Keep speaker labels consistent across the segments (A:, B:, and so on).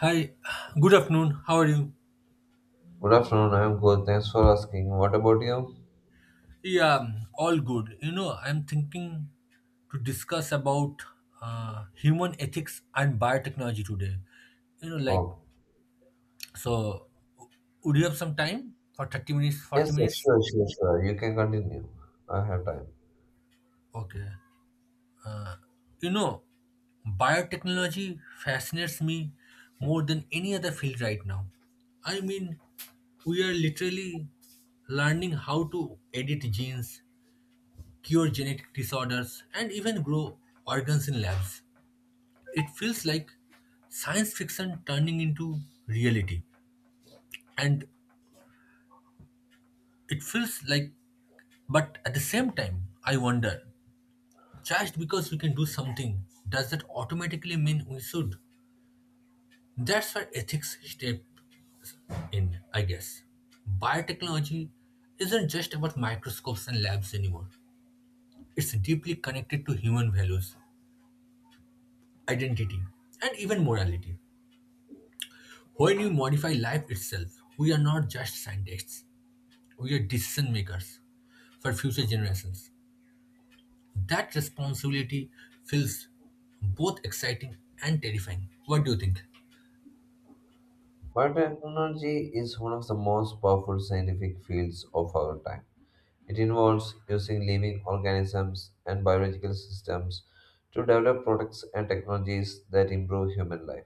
A: Hi, good afternoon. How are you?
B: Good afternoon, I'm good. Thanks for asking. What about you?
A: Yeah, all good. I'm thinking to discuss about human ethics and biotechnology today. Like,
B: Oh,
A: so would you have some time for 30 minutes,
B: yes,
A: 40
B: sir,
A: minutes?
B: sure, sure, sure. You can continue. I have time.
A: Okay. Uh, you know, Biotechnology fascinates me more than any other field right now. I mean, we are literally learning how to edit genes, cure genetic disorders, and even grow organs in labs. It feels like science fiction turning into reality. And it feels like, but at the same time, I wonder, just because we can do something, does that automatically mean we should? That's where ethics step in, I guess. Biotechnology isn't just about microscopes and labs anymore. It's deeply connected to human values, identity, and even morality. When we modify life itself, we are not just scientists, we are decision makers for future generations. That responsibility feels both exciting and terrifying. What do you think?
B: Biotechnology is one of the most powerful scientific fields of our time. It involves using living organisms and biological systems to develop products and technologies that improve human life.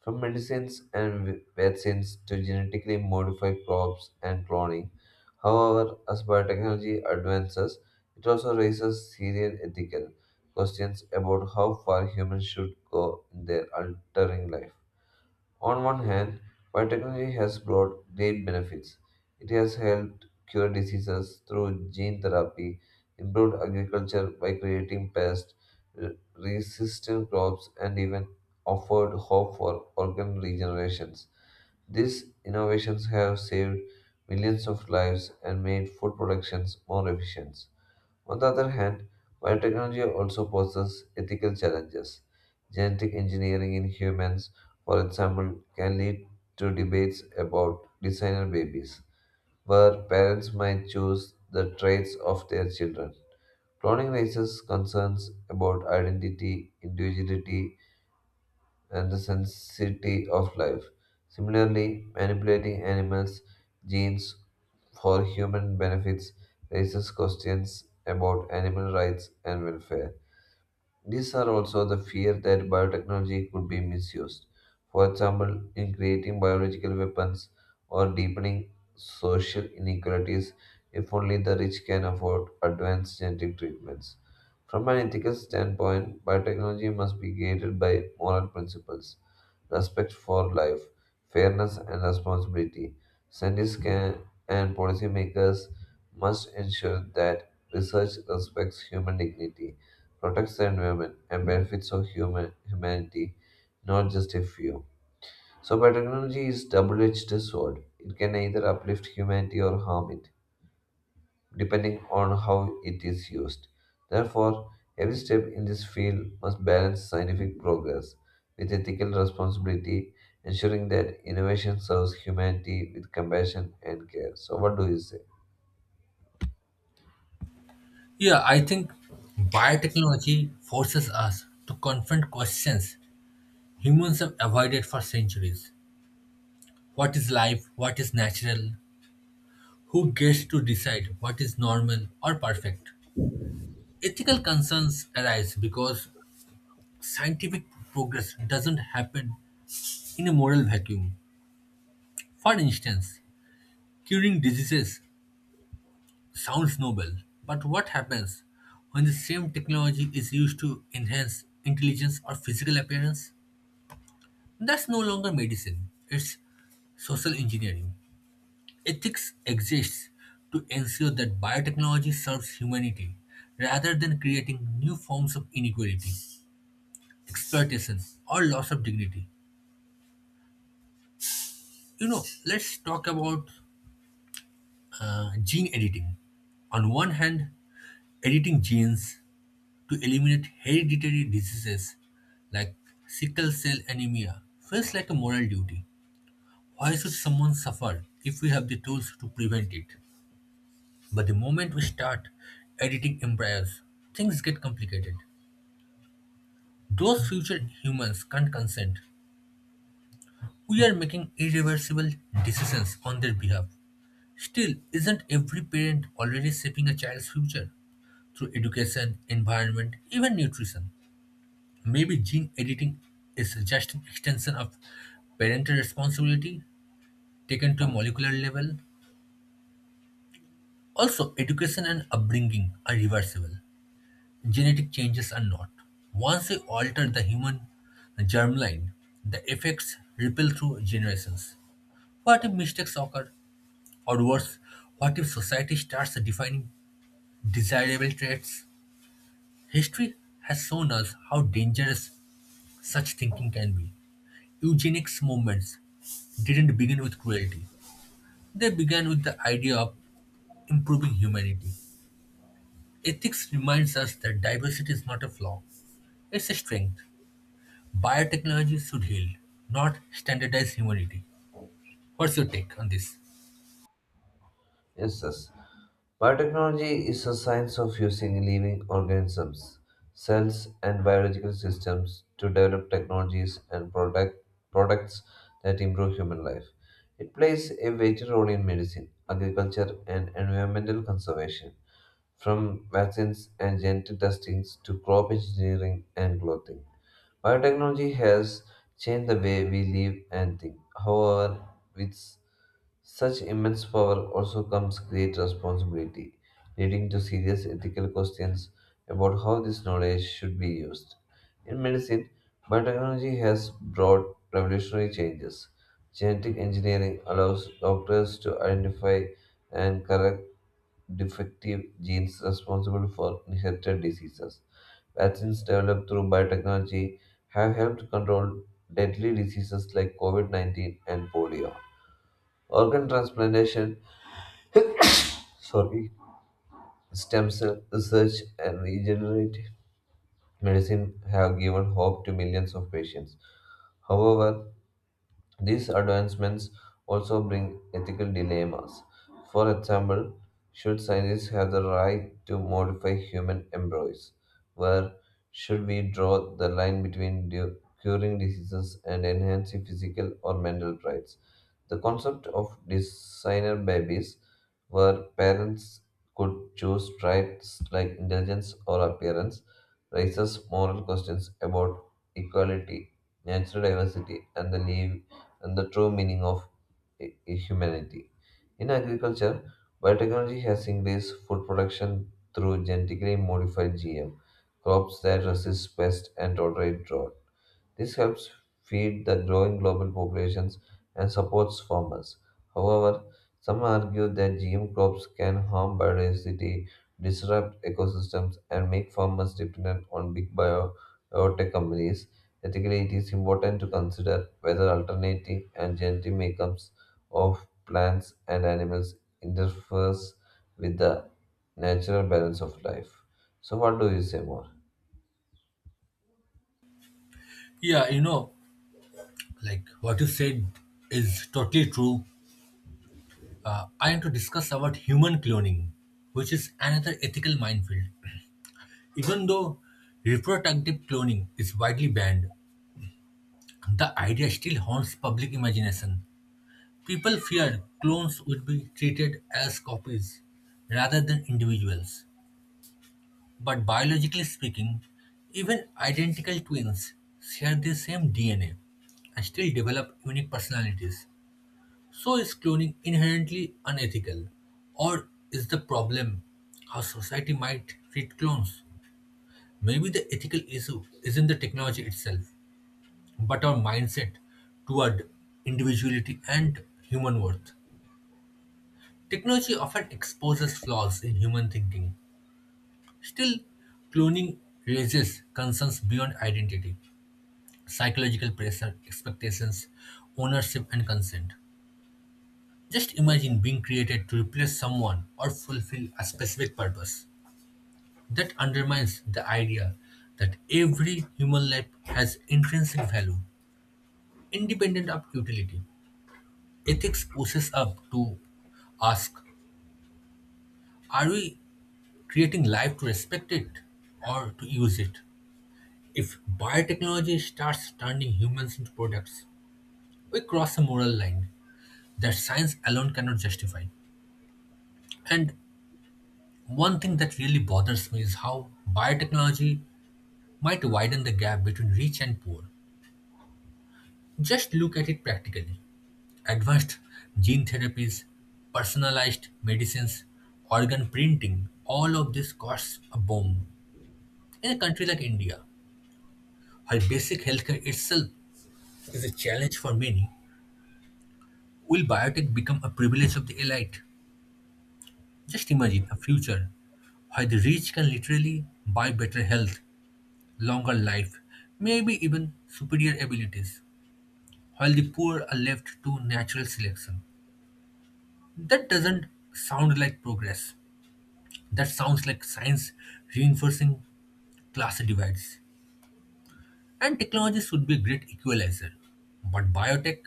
B: From medicines and vaccines to genetically modified crops and cloning. However, as biotechnology advances, it also raises serious ethical questions about how far humans should go in their altering life. On one hand, while technology has brought great benefits, it has helped cure diseases through gene therapy, improved agriculture by creating pest resistant crops, and even offered hope for organ regenerations. These innovations have saved millions of lives and made food productions more efficient. On the other hand, biotechnology also poses ethical challenges. Genetic engineering in humans, for example, can lead to debates about designer babies, where parents might choose the traits of their children. Cloning raises concerns about identity, individuality, and the sensitivity of life. Similarly, manipulating animals' genes for human benefits raises questions about animal rights and welfare. These are also the fear that biotechnology could be misused, for example, in creating biological weapons or deepening social inequalities if only the rich can afford advanced genetic treatments. From an ethical standpoint, biotechnology must be guided by moral principles, respect for life, fairness, and responsibility. Scientists can, and policymakers must ensure that research respects human dignity protects the environment, and benefits of humanity, not just a few. So biotechnology is double-edged sword. It can either uplift humanity or harm it, depending on how it is used. Therefore, every step in this field must balance scientific progress with ethical responsibility, ensuring that innovation serves humanity with compassion and care. So what do you say?
A: Yeah, I think biotechnology forces us to confront questions humans have avoided for centuries. What is life? What is natural? Who gets to decide what is normal or perfect? Ethical concerns arise because scientific progress doesn't happen in a moral vacuum. For instance, curing diseases sounds noble, but what happens when the same technology is used to enhance intelligence or physical appearance? That's no longer medicine, it's social engineering. Ethics exists to ensure that biotechnology serves humanity rather than creating new forms of inequality, exploitation, or loss of dignity. Let's talk about gene editing. On one hand, editing genes to eliminate hereditary diseases like sickle cell anemia feels like a moral duty. Why should someone suffer if we have the tools to prevent it? But the moment we start editing embryos, things get complicated. Those future humans can't consent. We are making irreversible decisions on their behalf. Still, isn't every parent already shaping a child's future through education, environment, even nutrition? Maybe gene editing is just an extension of parental responsibility taken to a molecular level. Also, education and upbringing are reversible. Genetic changes are not. Once we alter the human germline, the effects ripple through generations. What if mistakes occur? Or worse, what if society starts defining desirable traits? History has shown us how dangerous such thinking can be. Eugenics movements didn't begin with cruelty. They began with the idea of improving humanity. Ethics reminds us that diversity is not a flaw, it's a strength. Biotechnology should heal, not standardize humanity. What's your take on this?
B: Yes, yes. Biotechnology is a science of using living organisms, cells, and biological systems to develop technologies and products that improve human life. It plays a vital role in medicine, agriculture, and environmental conservation, from vaccines and genetic testings to crop engineering and clothing. Biotechnology has changed the way we live and think. However, with such immense power also comes great responsibility, leading to serious ethical questions about how this knowledge should be used. In medicine, biotechnology has brought revolutionary changes. Genetic engineering allows doctors to identify and correct defective genes responsible for inherited diseases. Vaccines developed through biotechnology have helped control deadly diseases like COVID 19 and polio. Organ transplantation, sorry, stem cell research and regenerative medicine have given hope to millions of patients. However, these advancements also bring ethical dilemmas. For example, should scientists have the right to modify human embryos? Where should we draw the line between curing diseases and enhancing physical or mental rights? The concept of designer babies, where parents could choose traits like intelligence or appearance, raises moral questions about equality, natural diversity, and the true meaning of i- humanity. In agriculture, biotechnology has increased food production through genetically modified GM, crops that resist pest and tolerate drought. This helps feed the growing global populations and supports farmers. However, some argue that GM crops can harm biodiversity, disrupt ecosystems, and make farmers dependent on big biotech companies. Ethically, it is important to consider whether alternative and genetic makeups of plants and animals interferes with the natural balance of life. So, what do you say more?
A: Yeah, like what you said is totally true. I am to discuss about human cloning, which is another ethical minefield. Even though reproductive cloning is widely banned, the idea still haunts public imagination. People feared clones would be treated as copies rather than individuals. But biologically speaking, even identical twins share the same DNA and still develop unique personalities. So is cloning inherently unethical? Or is the problem how society might treat clones? Maybe the ethical issue isn't the technology itself, but our mindset toward individuality and human worth. Technology often exposes flaws in human thinking. Still, cloning raises concerns beyond identity, psychological pressure, expectations, ownership, and consent. Just imagine being created to replace someone or fulfill a specific purpose. That undermines the idea that every human life has intrinsic value, independent of utility. Ethics pushes up to ask, are we creating life to respect it or to use it? If biotechnology starts turning humans into products, we cross a moral line that science alone cannot justify. And one thing that really bothers me is how biotechnology might widen the gap between rich and poor. Just look at it practically. Advanced gene therapies, personalized medicines, organ printing, all of this costs a bomb. In a country like India, where basic healthcare itself is a challenge for many, will biotech become a privilege of the elite? Just imagine a future where the rich can literally buy better health, longer life, maybe even superior abilities, while the poor are left to natural selection. That doesn't sound like progress. That sounds like science reinforcing class divides. And technology should be a great equalizer. But biotech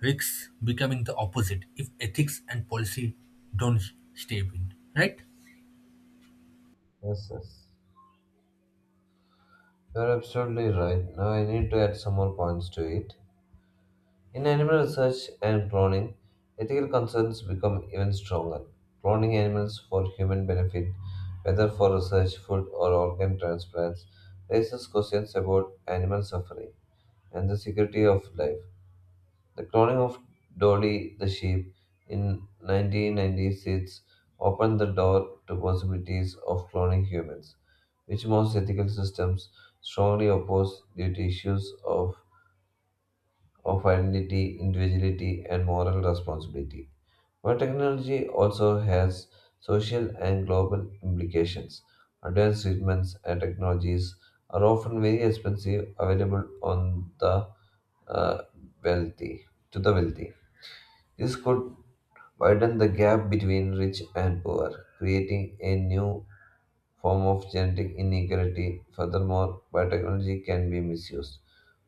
A: risks becoming the opposite if ethics and policy don't step in, right?
B: Yes, yes. You're absolutely right. Now I need to add some more points to it. In animal research and cloning, ethical concerns become even stronger. Cloning animals for human benefit, whether for research, food, or organ transplants, raises questions about animal suffering and the security of life. The cloning of Dolly the sheep in 1996 opened the door to possibilities of cloning humans, which most ethical systems strongly oppose due to issues of identity, individuality, and moral responsibility. But technology also has social and global implications. Advanced treatments and technologies are often very expensive, available on the uh, wealthy to the wealthy. This could widen the gap between rich and poor, creating a new form of genetic inequality. Furthermore, biotechnology can be misused.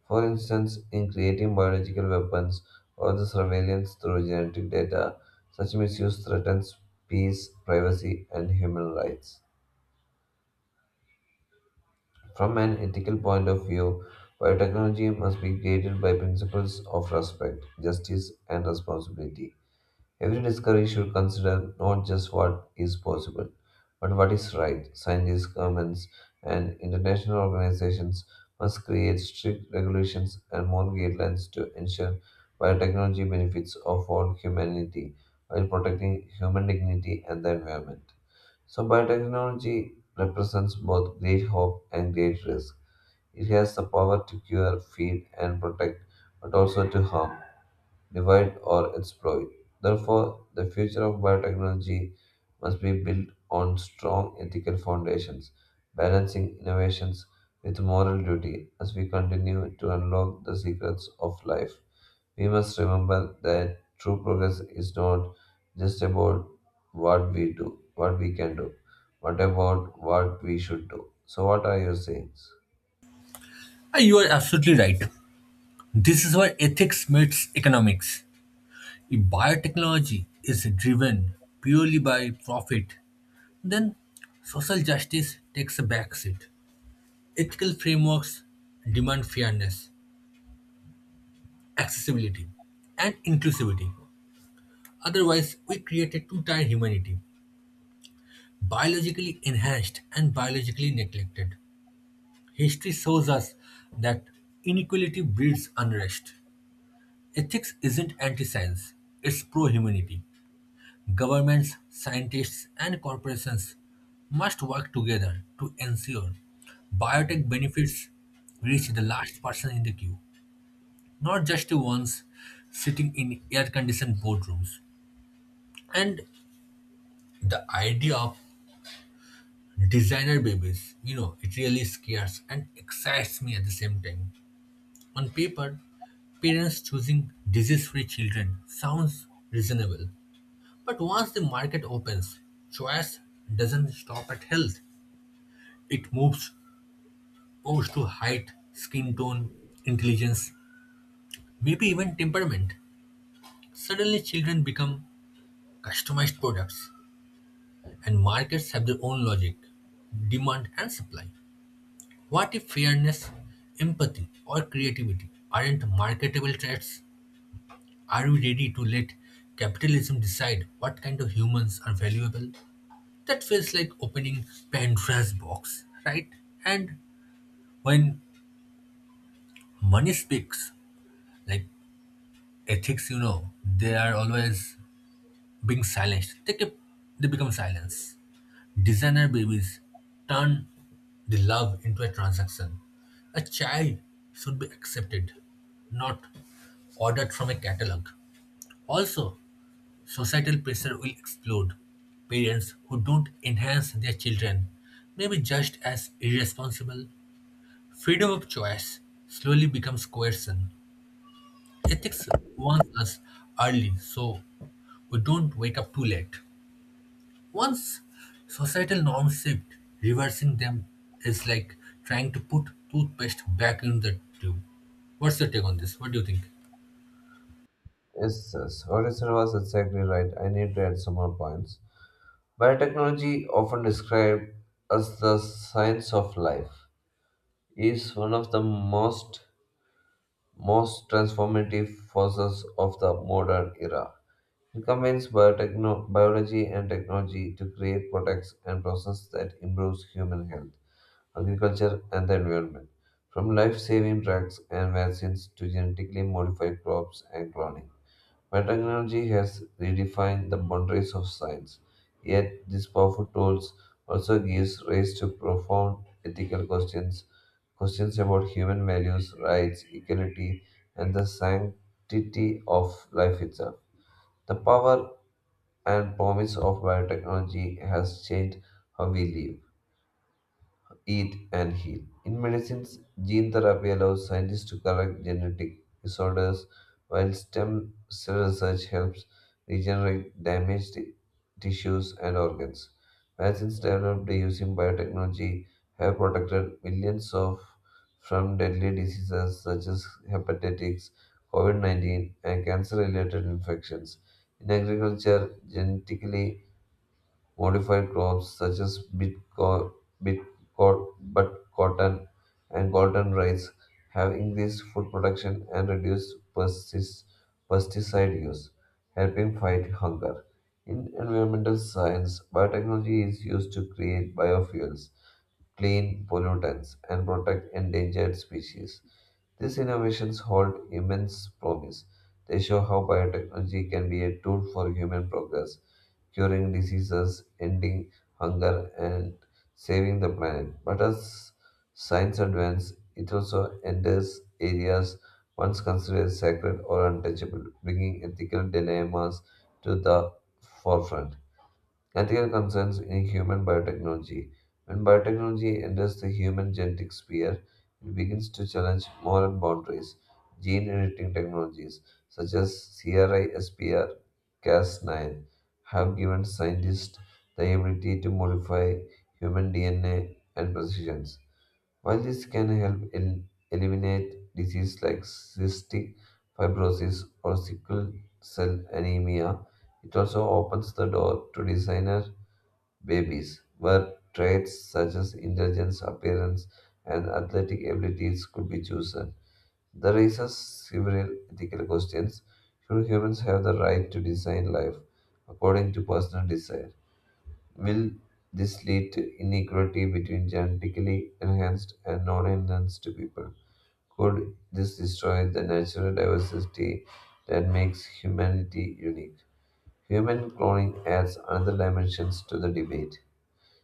B: For instance, in creating biological weapons or the surveillance through genetic data, such misuse threatens peace, privacy, and human rights. From an ethical point of view, biotechnology must be guided by principles of respect, justice, and responsibility. Every discovery should consider not just what is possible, but what is right. Scientists, governments, and international organizations must create strict regulations and more guidelines to ensure biotechnology benefits of all humanity while protecting human dignity and the environment. So, biotechnology represents both great hope and great risk. It has the power to cure, feed, and protect, but also to harm divide, or exploit. Therefore, the future of biotechnology must be built on strong ethical foundations, balancing innovations with moral duty as we continue to unlock the secrets of life. We must remember that true progress is not just about what we can do, but about what we should do. So, what are your sayings?
A: Ah, you are absolutely right. This is where ethics meets economics. If biotechnology is driven purely by profit, then social justice takes a backseat. Ethical frameworks demand fairness, accessibility, and inclusivity. Otherwise, we create a two-tier humanity, biologically enhanced and biologically neglected. History shows us that inequality breeds unrest. Ethics isn't anti science, it's pro humanity. Governments, scientists, and corporations must work together to ensure biotech benefits reach the last person in the queue, not just the ones sitting in air conditioned boardrooms. And the idea of designer babies, it really scares and excites me at the same time. On paper, parents choosing disease free children sounds reasonable. But once the market opens, choice doesn't stop at health. It moves to height, skin tone, intelligence, maybe even temperament. Suddenly, children become customized products, and markets have their own logic, demand, and supply. What if fairness, empathy, or creativity aren't marketable traits? Are we ready to let capitalism decide what kind of humans are valuable? That feels like opening Pandora's box, right? And when money speaks, like ethics, they are always being silenced. They become silence. Designer babies turn the love into a transaction. A child should be accepted, not ordered from a catalog. Also, societal pressure will explode. Parents who don't enhance their children may be judged as irresponsible. Freedom of choice slowly becomes coercion. Ethics warns us early so we don't wake up too late. Once societal norms shift, reversing them is like trying to put toothpaste back in the tube. What's your take on this? What do you think?
B: Yes, yes. What you said was exactly right. I need to add some more points. Biotechnology, often described as the science of life, is one of the most transformative forces of the modern era. It combines biology and technology to create products and processes that improves human health, agriculture, and the environment, from life-saving drugs and vaccines to genetically modified crops and cloning. Biotechnology has redefined the boundaries of science, yet these powerful tools also gives rise to profound ethical questions, questions about human values, rights, equality, and the sanctity of life itself. The power and promise of biotechnology has changed how we live eat, and heal. In medicines, gene therapy allows scientists to correct genetic disorders, while stem cell research helps regenerate damaged tissues and organs. Vaccines developed using biotechnology have protected millions of from deadly diseases such as hepatitis, COVID 19, and cancer related infections. In agriculture, genetically modified crops such as bit but cotton and golden rice have increased food production and reduced pesticide use, helping fight hunger. In environmental science, biotechnology is used to create biofuels clean pollutants and protect endangered species. These innovations hold immense promise. They show how biotechnology can be a tool for human progress, curing diseases, ending hunger, and saving the planet. But as science advances, it also enters areas once considered sacred or untouchable, bringing ethical dilemmas to the forefront. Ethical concerns in human biotechnology. When biotechnology enters the human genetic sphere, it begins to challenge moral boundaries. Gene editing technologies such as CRISPR Cas9 have given scientists the ability to modify human DNA and precisions. While this can help in eliminate diseases like cystic fibrosis or sickle cell anemia, it also opens the door to designer babies, where traits such as intelligence, appearance, and athletic abilities could be chosen. That raises several ethical questions. Should humans have the right to design life according to personal desire? Will this lead to inequality between genetically enhanced and non enhanced people? Could this destroy the natural diversity that makes humanity unique? Human cloning adds another dimension to the debate.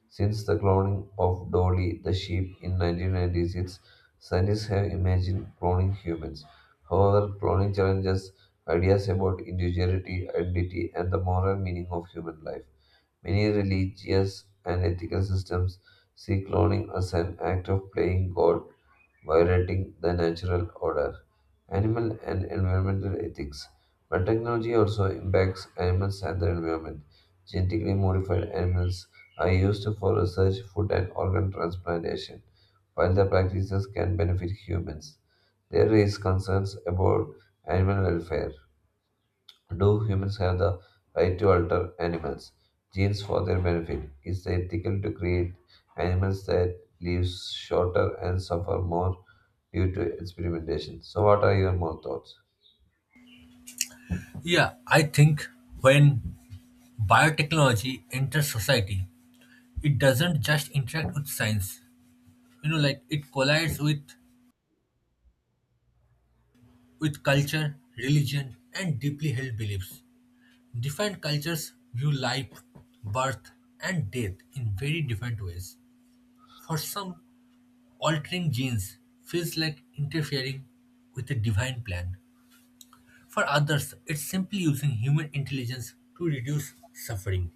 B: Since the cloning of Dolly the sheep in 1996, scientists have imagined cloning humans. However, cloning challenges ideas about individuality, identity, and the moral meaning of human life. Many religious and ethical systems see cloning as an act of playing God, violating the natural order. Animal and environmental ethics. But technology also impacts animals and the environment. Genetically modified animals are used for research, food, and organ transplantation, while the practices can benefit humans. There is concerns about animal welfare. Do humans have the right to alter animals' genes for their benefit? Is it ethical to create animals that live shorter and suffer more due to experimentation? So, what are your more thoughts?
A: Yeah, I think when biotechnology enters society, it doesn't just interact with science. Like it collides with culture, religion, and deeply held beliefs. Different cultures view life, birth, and death in very different ways. For some, altering genes feels like interfering with a divine plan. For others, it's simply using human intelligence to reduce suffering.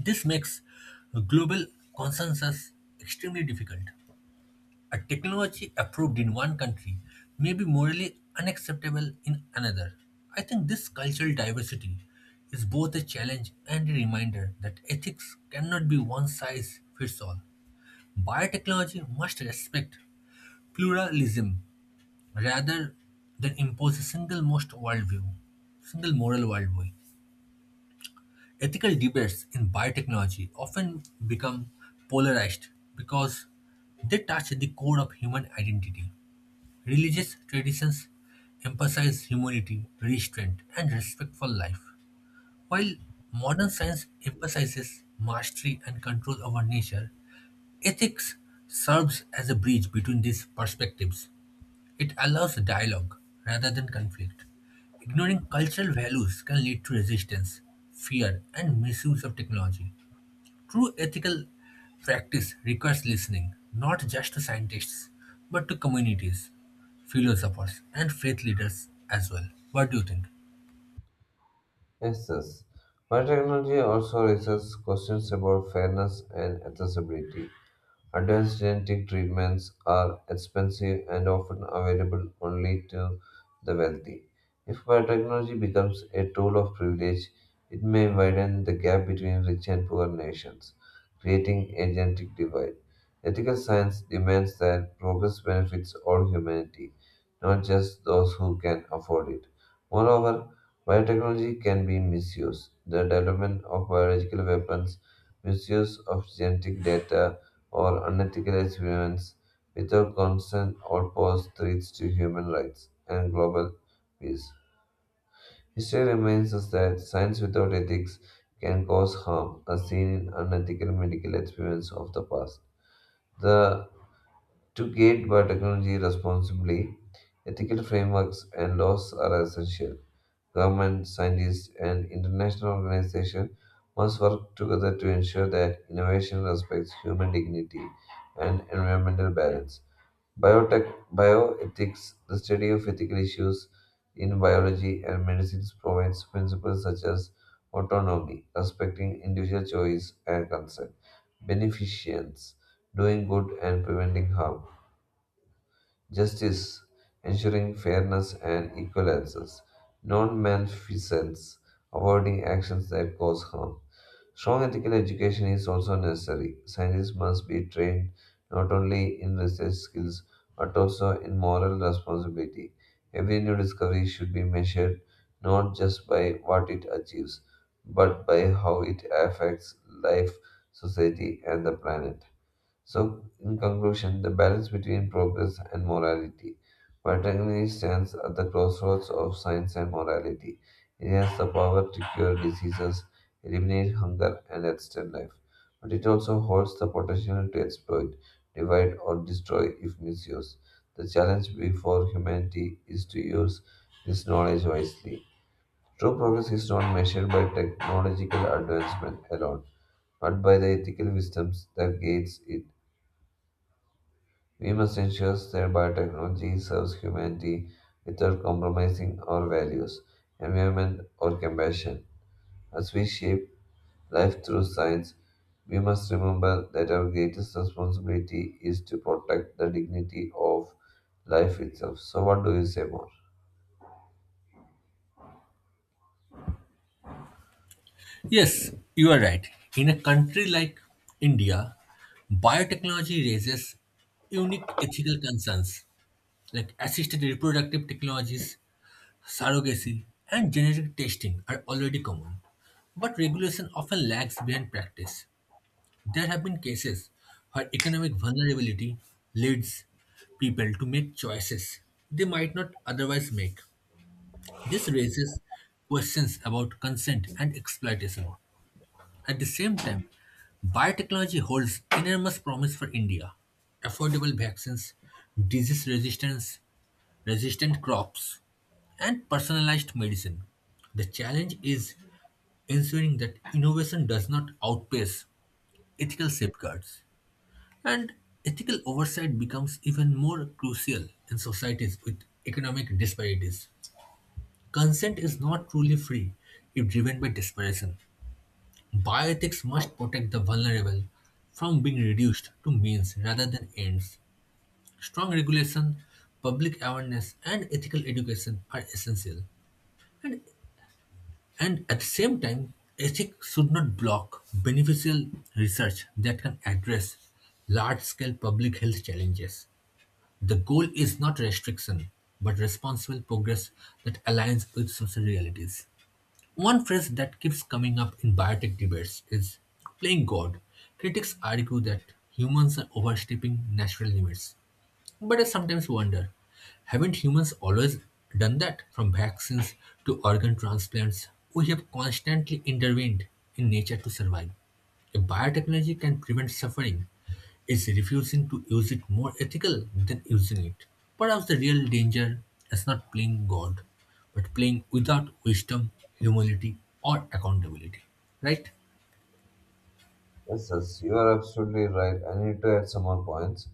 A: This makes global consensus extremely difficult. A technology approved in one country may be morally unacceptable in another. I think this cultural diversity is both a challenge and a reminder that ethics cannot be one size fits all. Biotechnology must respect pluralism rather than impose a single most worldview, single moral worldview. Ethical debates in biotechnology often become polarized because they touch the core of human identity. Religious traditions emphasize humility, restraint, and respect for life. While modern science emphasizes mastery and control over nature, ethics serves as a bridge between these perspectives. It allows dialogue rather than conflict. Ignoring cultural values can lead to resistance, fear, and misuse of technology. True ethical practice requires listening, not just to scientists, but to communities, philosophers, and faith leaders as well. What do you think?
B: Yes, yes. Biotechnology also raises questions about fairness and accessibility. Advanced genetic treatments are expensive and often available only to the wealthy. If biotechnology becomes a tool of privilege, it may widen the gap between rich and poor nations, creating a genetic divide. Ethical science demands that progress benefits all humanity, not just those who can afford it. Moreover, biotechnology can be misused. The development of biological weapons, misuse of genetic data, or unethical experiments without consent or pause threats to human rights and global peace. History reminds us that science without ethics can cause harm, as seen in unethical medical experiments of the past. The to gate biotechnology responsibly, ethical frameworks and laws are essential. Government scientists, and international organizations must work together to ensure that innovation respects human dignity and environmental balance. Biotech, Bioethics, the study of ethical issues in biology and medicines, provides principles such as autonomy, respecting individual choice and consent, beneficence, doing good and preventing harm, justice, ensuring fairness and equal access. Non malfeasance, avoiding actions that cause harm. Strong ethical education is also necessary. Scientists must be trained not only in research skills but also in moral responsibility. Every new discovery should be measured not just by what it achieves, but by how it affects life, society, and the planet. So, in conclusion, the balance between progress and morality. While technology stands at the crossroads of science and morality. It has the power to cure diseases, eliminate hunger, and extend life. But it also holds the potential to exploit, divide, or destroy if misused. The challenge before humanity is to use this knowledge wisely. True progress is not measured by technological advancement alone, but by the ethical wisdoms that guides it we must ensure that biotechnology serves humanity without compromising our values, environment, or compassion. As we shape life through science, we must remember that our greatest responsibility is to protect the dignity of life itself. So, what do you say more?
A: Yes, you are right. In a country like India, biotechnology raises unique ethical concerns, like assisted reproductive technologies, surrogacy, and genetic testing are already common, but regulation often lags behind practice. There have been cases where economic vulnerability leads people to make choices they might not otherwise make. This raises questions about consent and exploitation. At the same time, biotechnology holds enormous promise for India. Affordable vaccines, disease resistance, resistant crops, and personalized medicine. The challenge is ensuring that innovation does not outpace ethical safeguards, and ethical oversight becomes even more crucial in societies with economic disparities. Consent is not truly free if driven by desperation. Bioethics must protect the vulnerable from being reduced to means rather than ends. Strong regulation, public awareness, and ethical education are essential. And And at the same time, ethics should not block beneficial research that can address large scale public health challenges. The goal is not restriction, but responsible progress that aligns with social realities. One phrase that keeps coming up in biotech debates is playing God. Critics argue that humans are overstepping natural limits, but I sometimes wonder, haven't humans always done that? From vaccines to organ transplants, we have constantly intervened in nature to survive. If biotechnology can prevent suffering, is refusing to use it more ethical than using it? Perhaps the real danger is not playing God, but playing without wisdom, humility, or accountability. Right?
B: Yes, yes, you are absolutely right. I need to add some more points.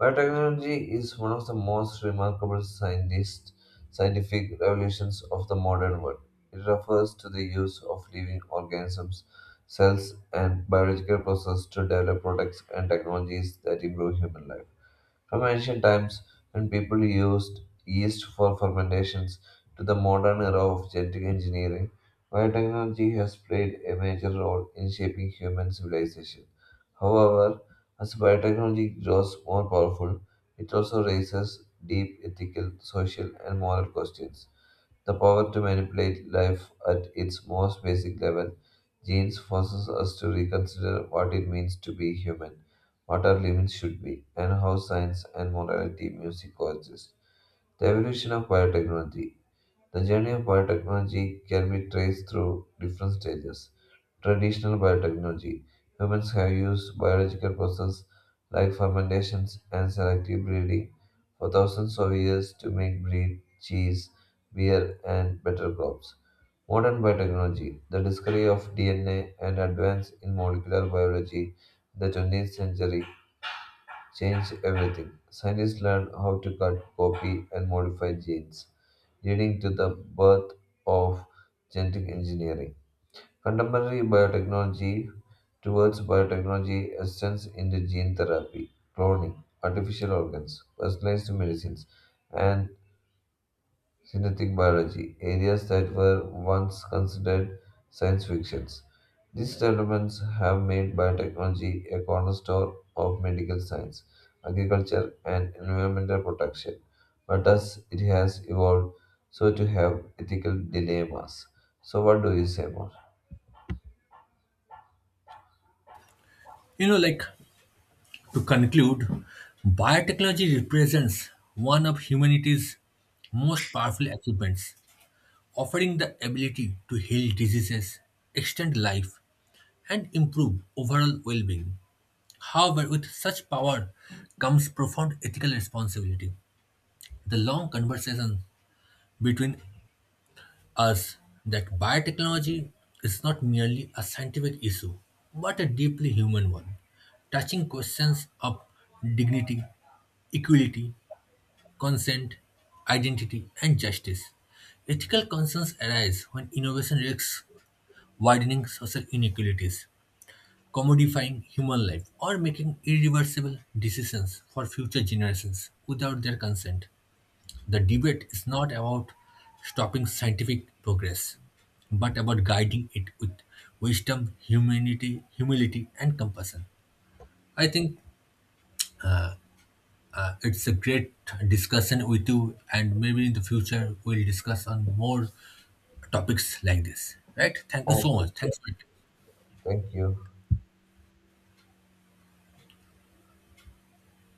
B: Biotechnology is one of the most remarkable scientific revolutions of the modern world. It refers to the use of living organisms, cells, and biological processes to develop products and technologies that improve human life. From ancient times, when people used yeast for fermentations, to the modern era of genetic engineering, biotechnology has played a major role in shaping human civilization. However, as biotechnology grows more powerful, it also raises deep ethical, social, and moral questions. The power to manipulate life at its most basic level, genes forces us to reconsider what it means to be human, what our limits should be, and how science and morality music coexist. The evolution of biotechnology. The journey of biotechnology can be traced through different stages. Traditional biotechnology. Humans have used biological processes like fermentations and selective breeding for thousands of years to make bread, cheese, beer, and better crops. Modern biotechnology, the discovery of DNA and advance in molecular biology in the 20th century changed everything. Scientists learned how to cut, copy, and modify genes, leading to the birth of genetic engineering. Contemporary biotechnology towards biotechnology extends into gene therapy, cloning, artificial organs, personalized medicines, and synthetic biology, areas that were once considered science fictions. These developments have made biotechnology a cornerstone of medical science, agriculture, and environmental protection. But as it has evolved, so to have ethical dilemmas. So, what do you say more?
A: Like, to conclude, biotechnology represents one of humanity's most powerful achievements, offering the ability to heal diseases, extend life, and improve overall well being. However, with such power comes profound ethical responsibility. The long conversation between us that biotechnology is not merely a scientific issue, but a deeply human one, touching questions of dignity, equality, consent, identity, and justice. Ethical concerns arise when innovation risks widening social inequalities, commodifying human life, or making irreversible decisions for future generations without their consent. The debate is not about stopping scientific progress, but about guiding it with wisdom, humanity, humility, and compassion. I think it's a great discussion with you, and maybe in the future we'll discuss on more topics like this, right? Thank you so much.
B: Okay,
A: Thanks for it.
B: thank you.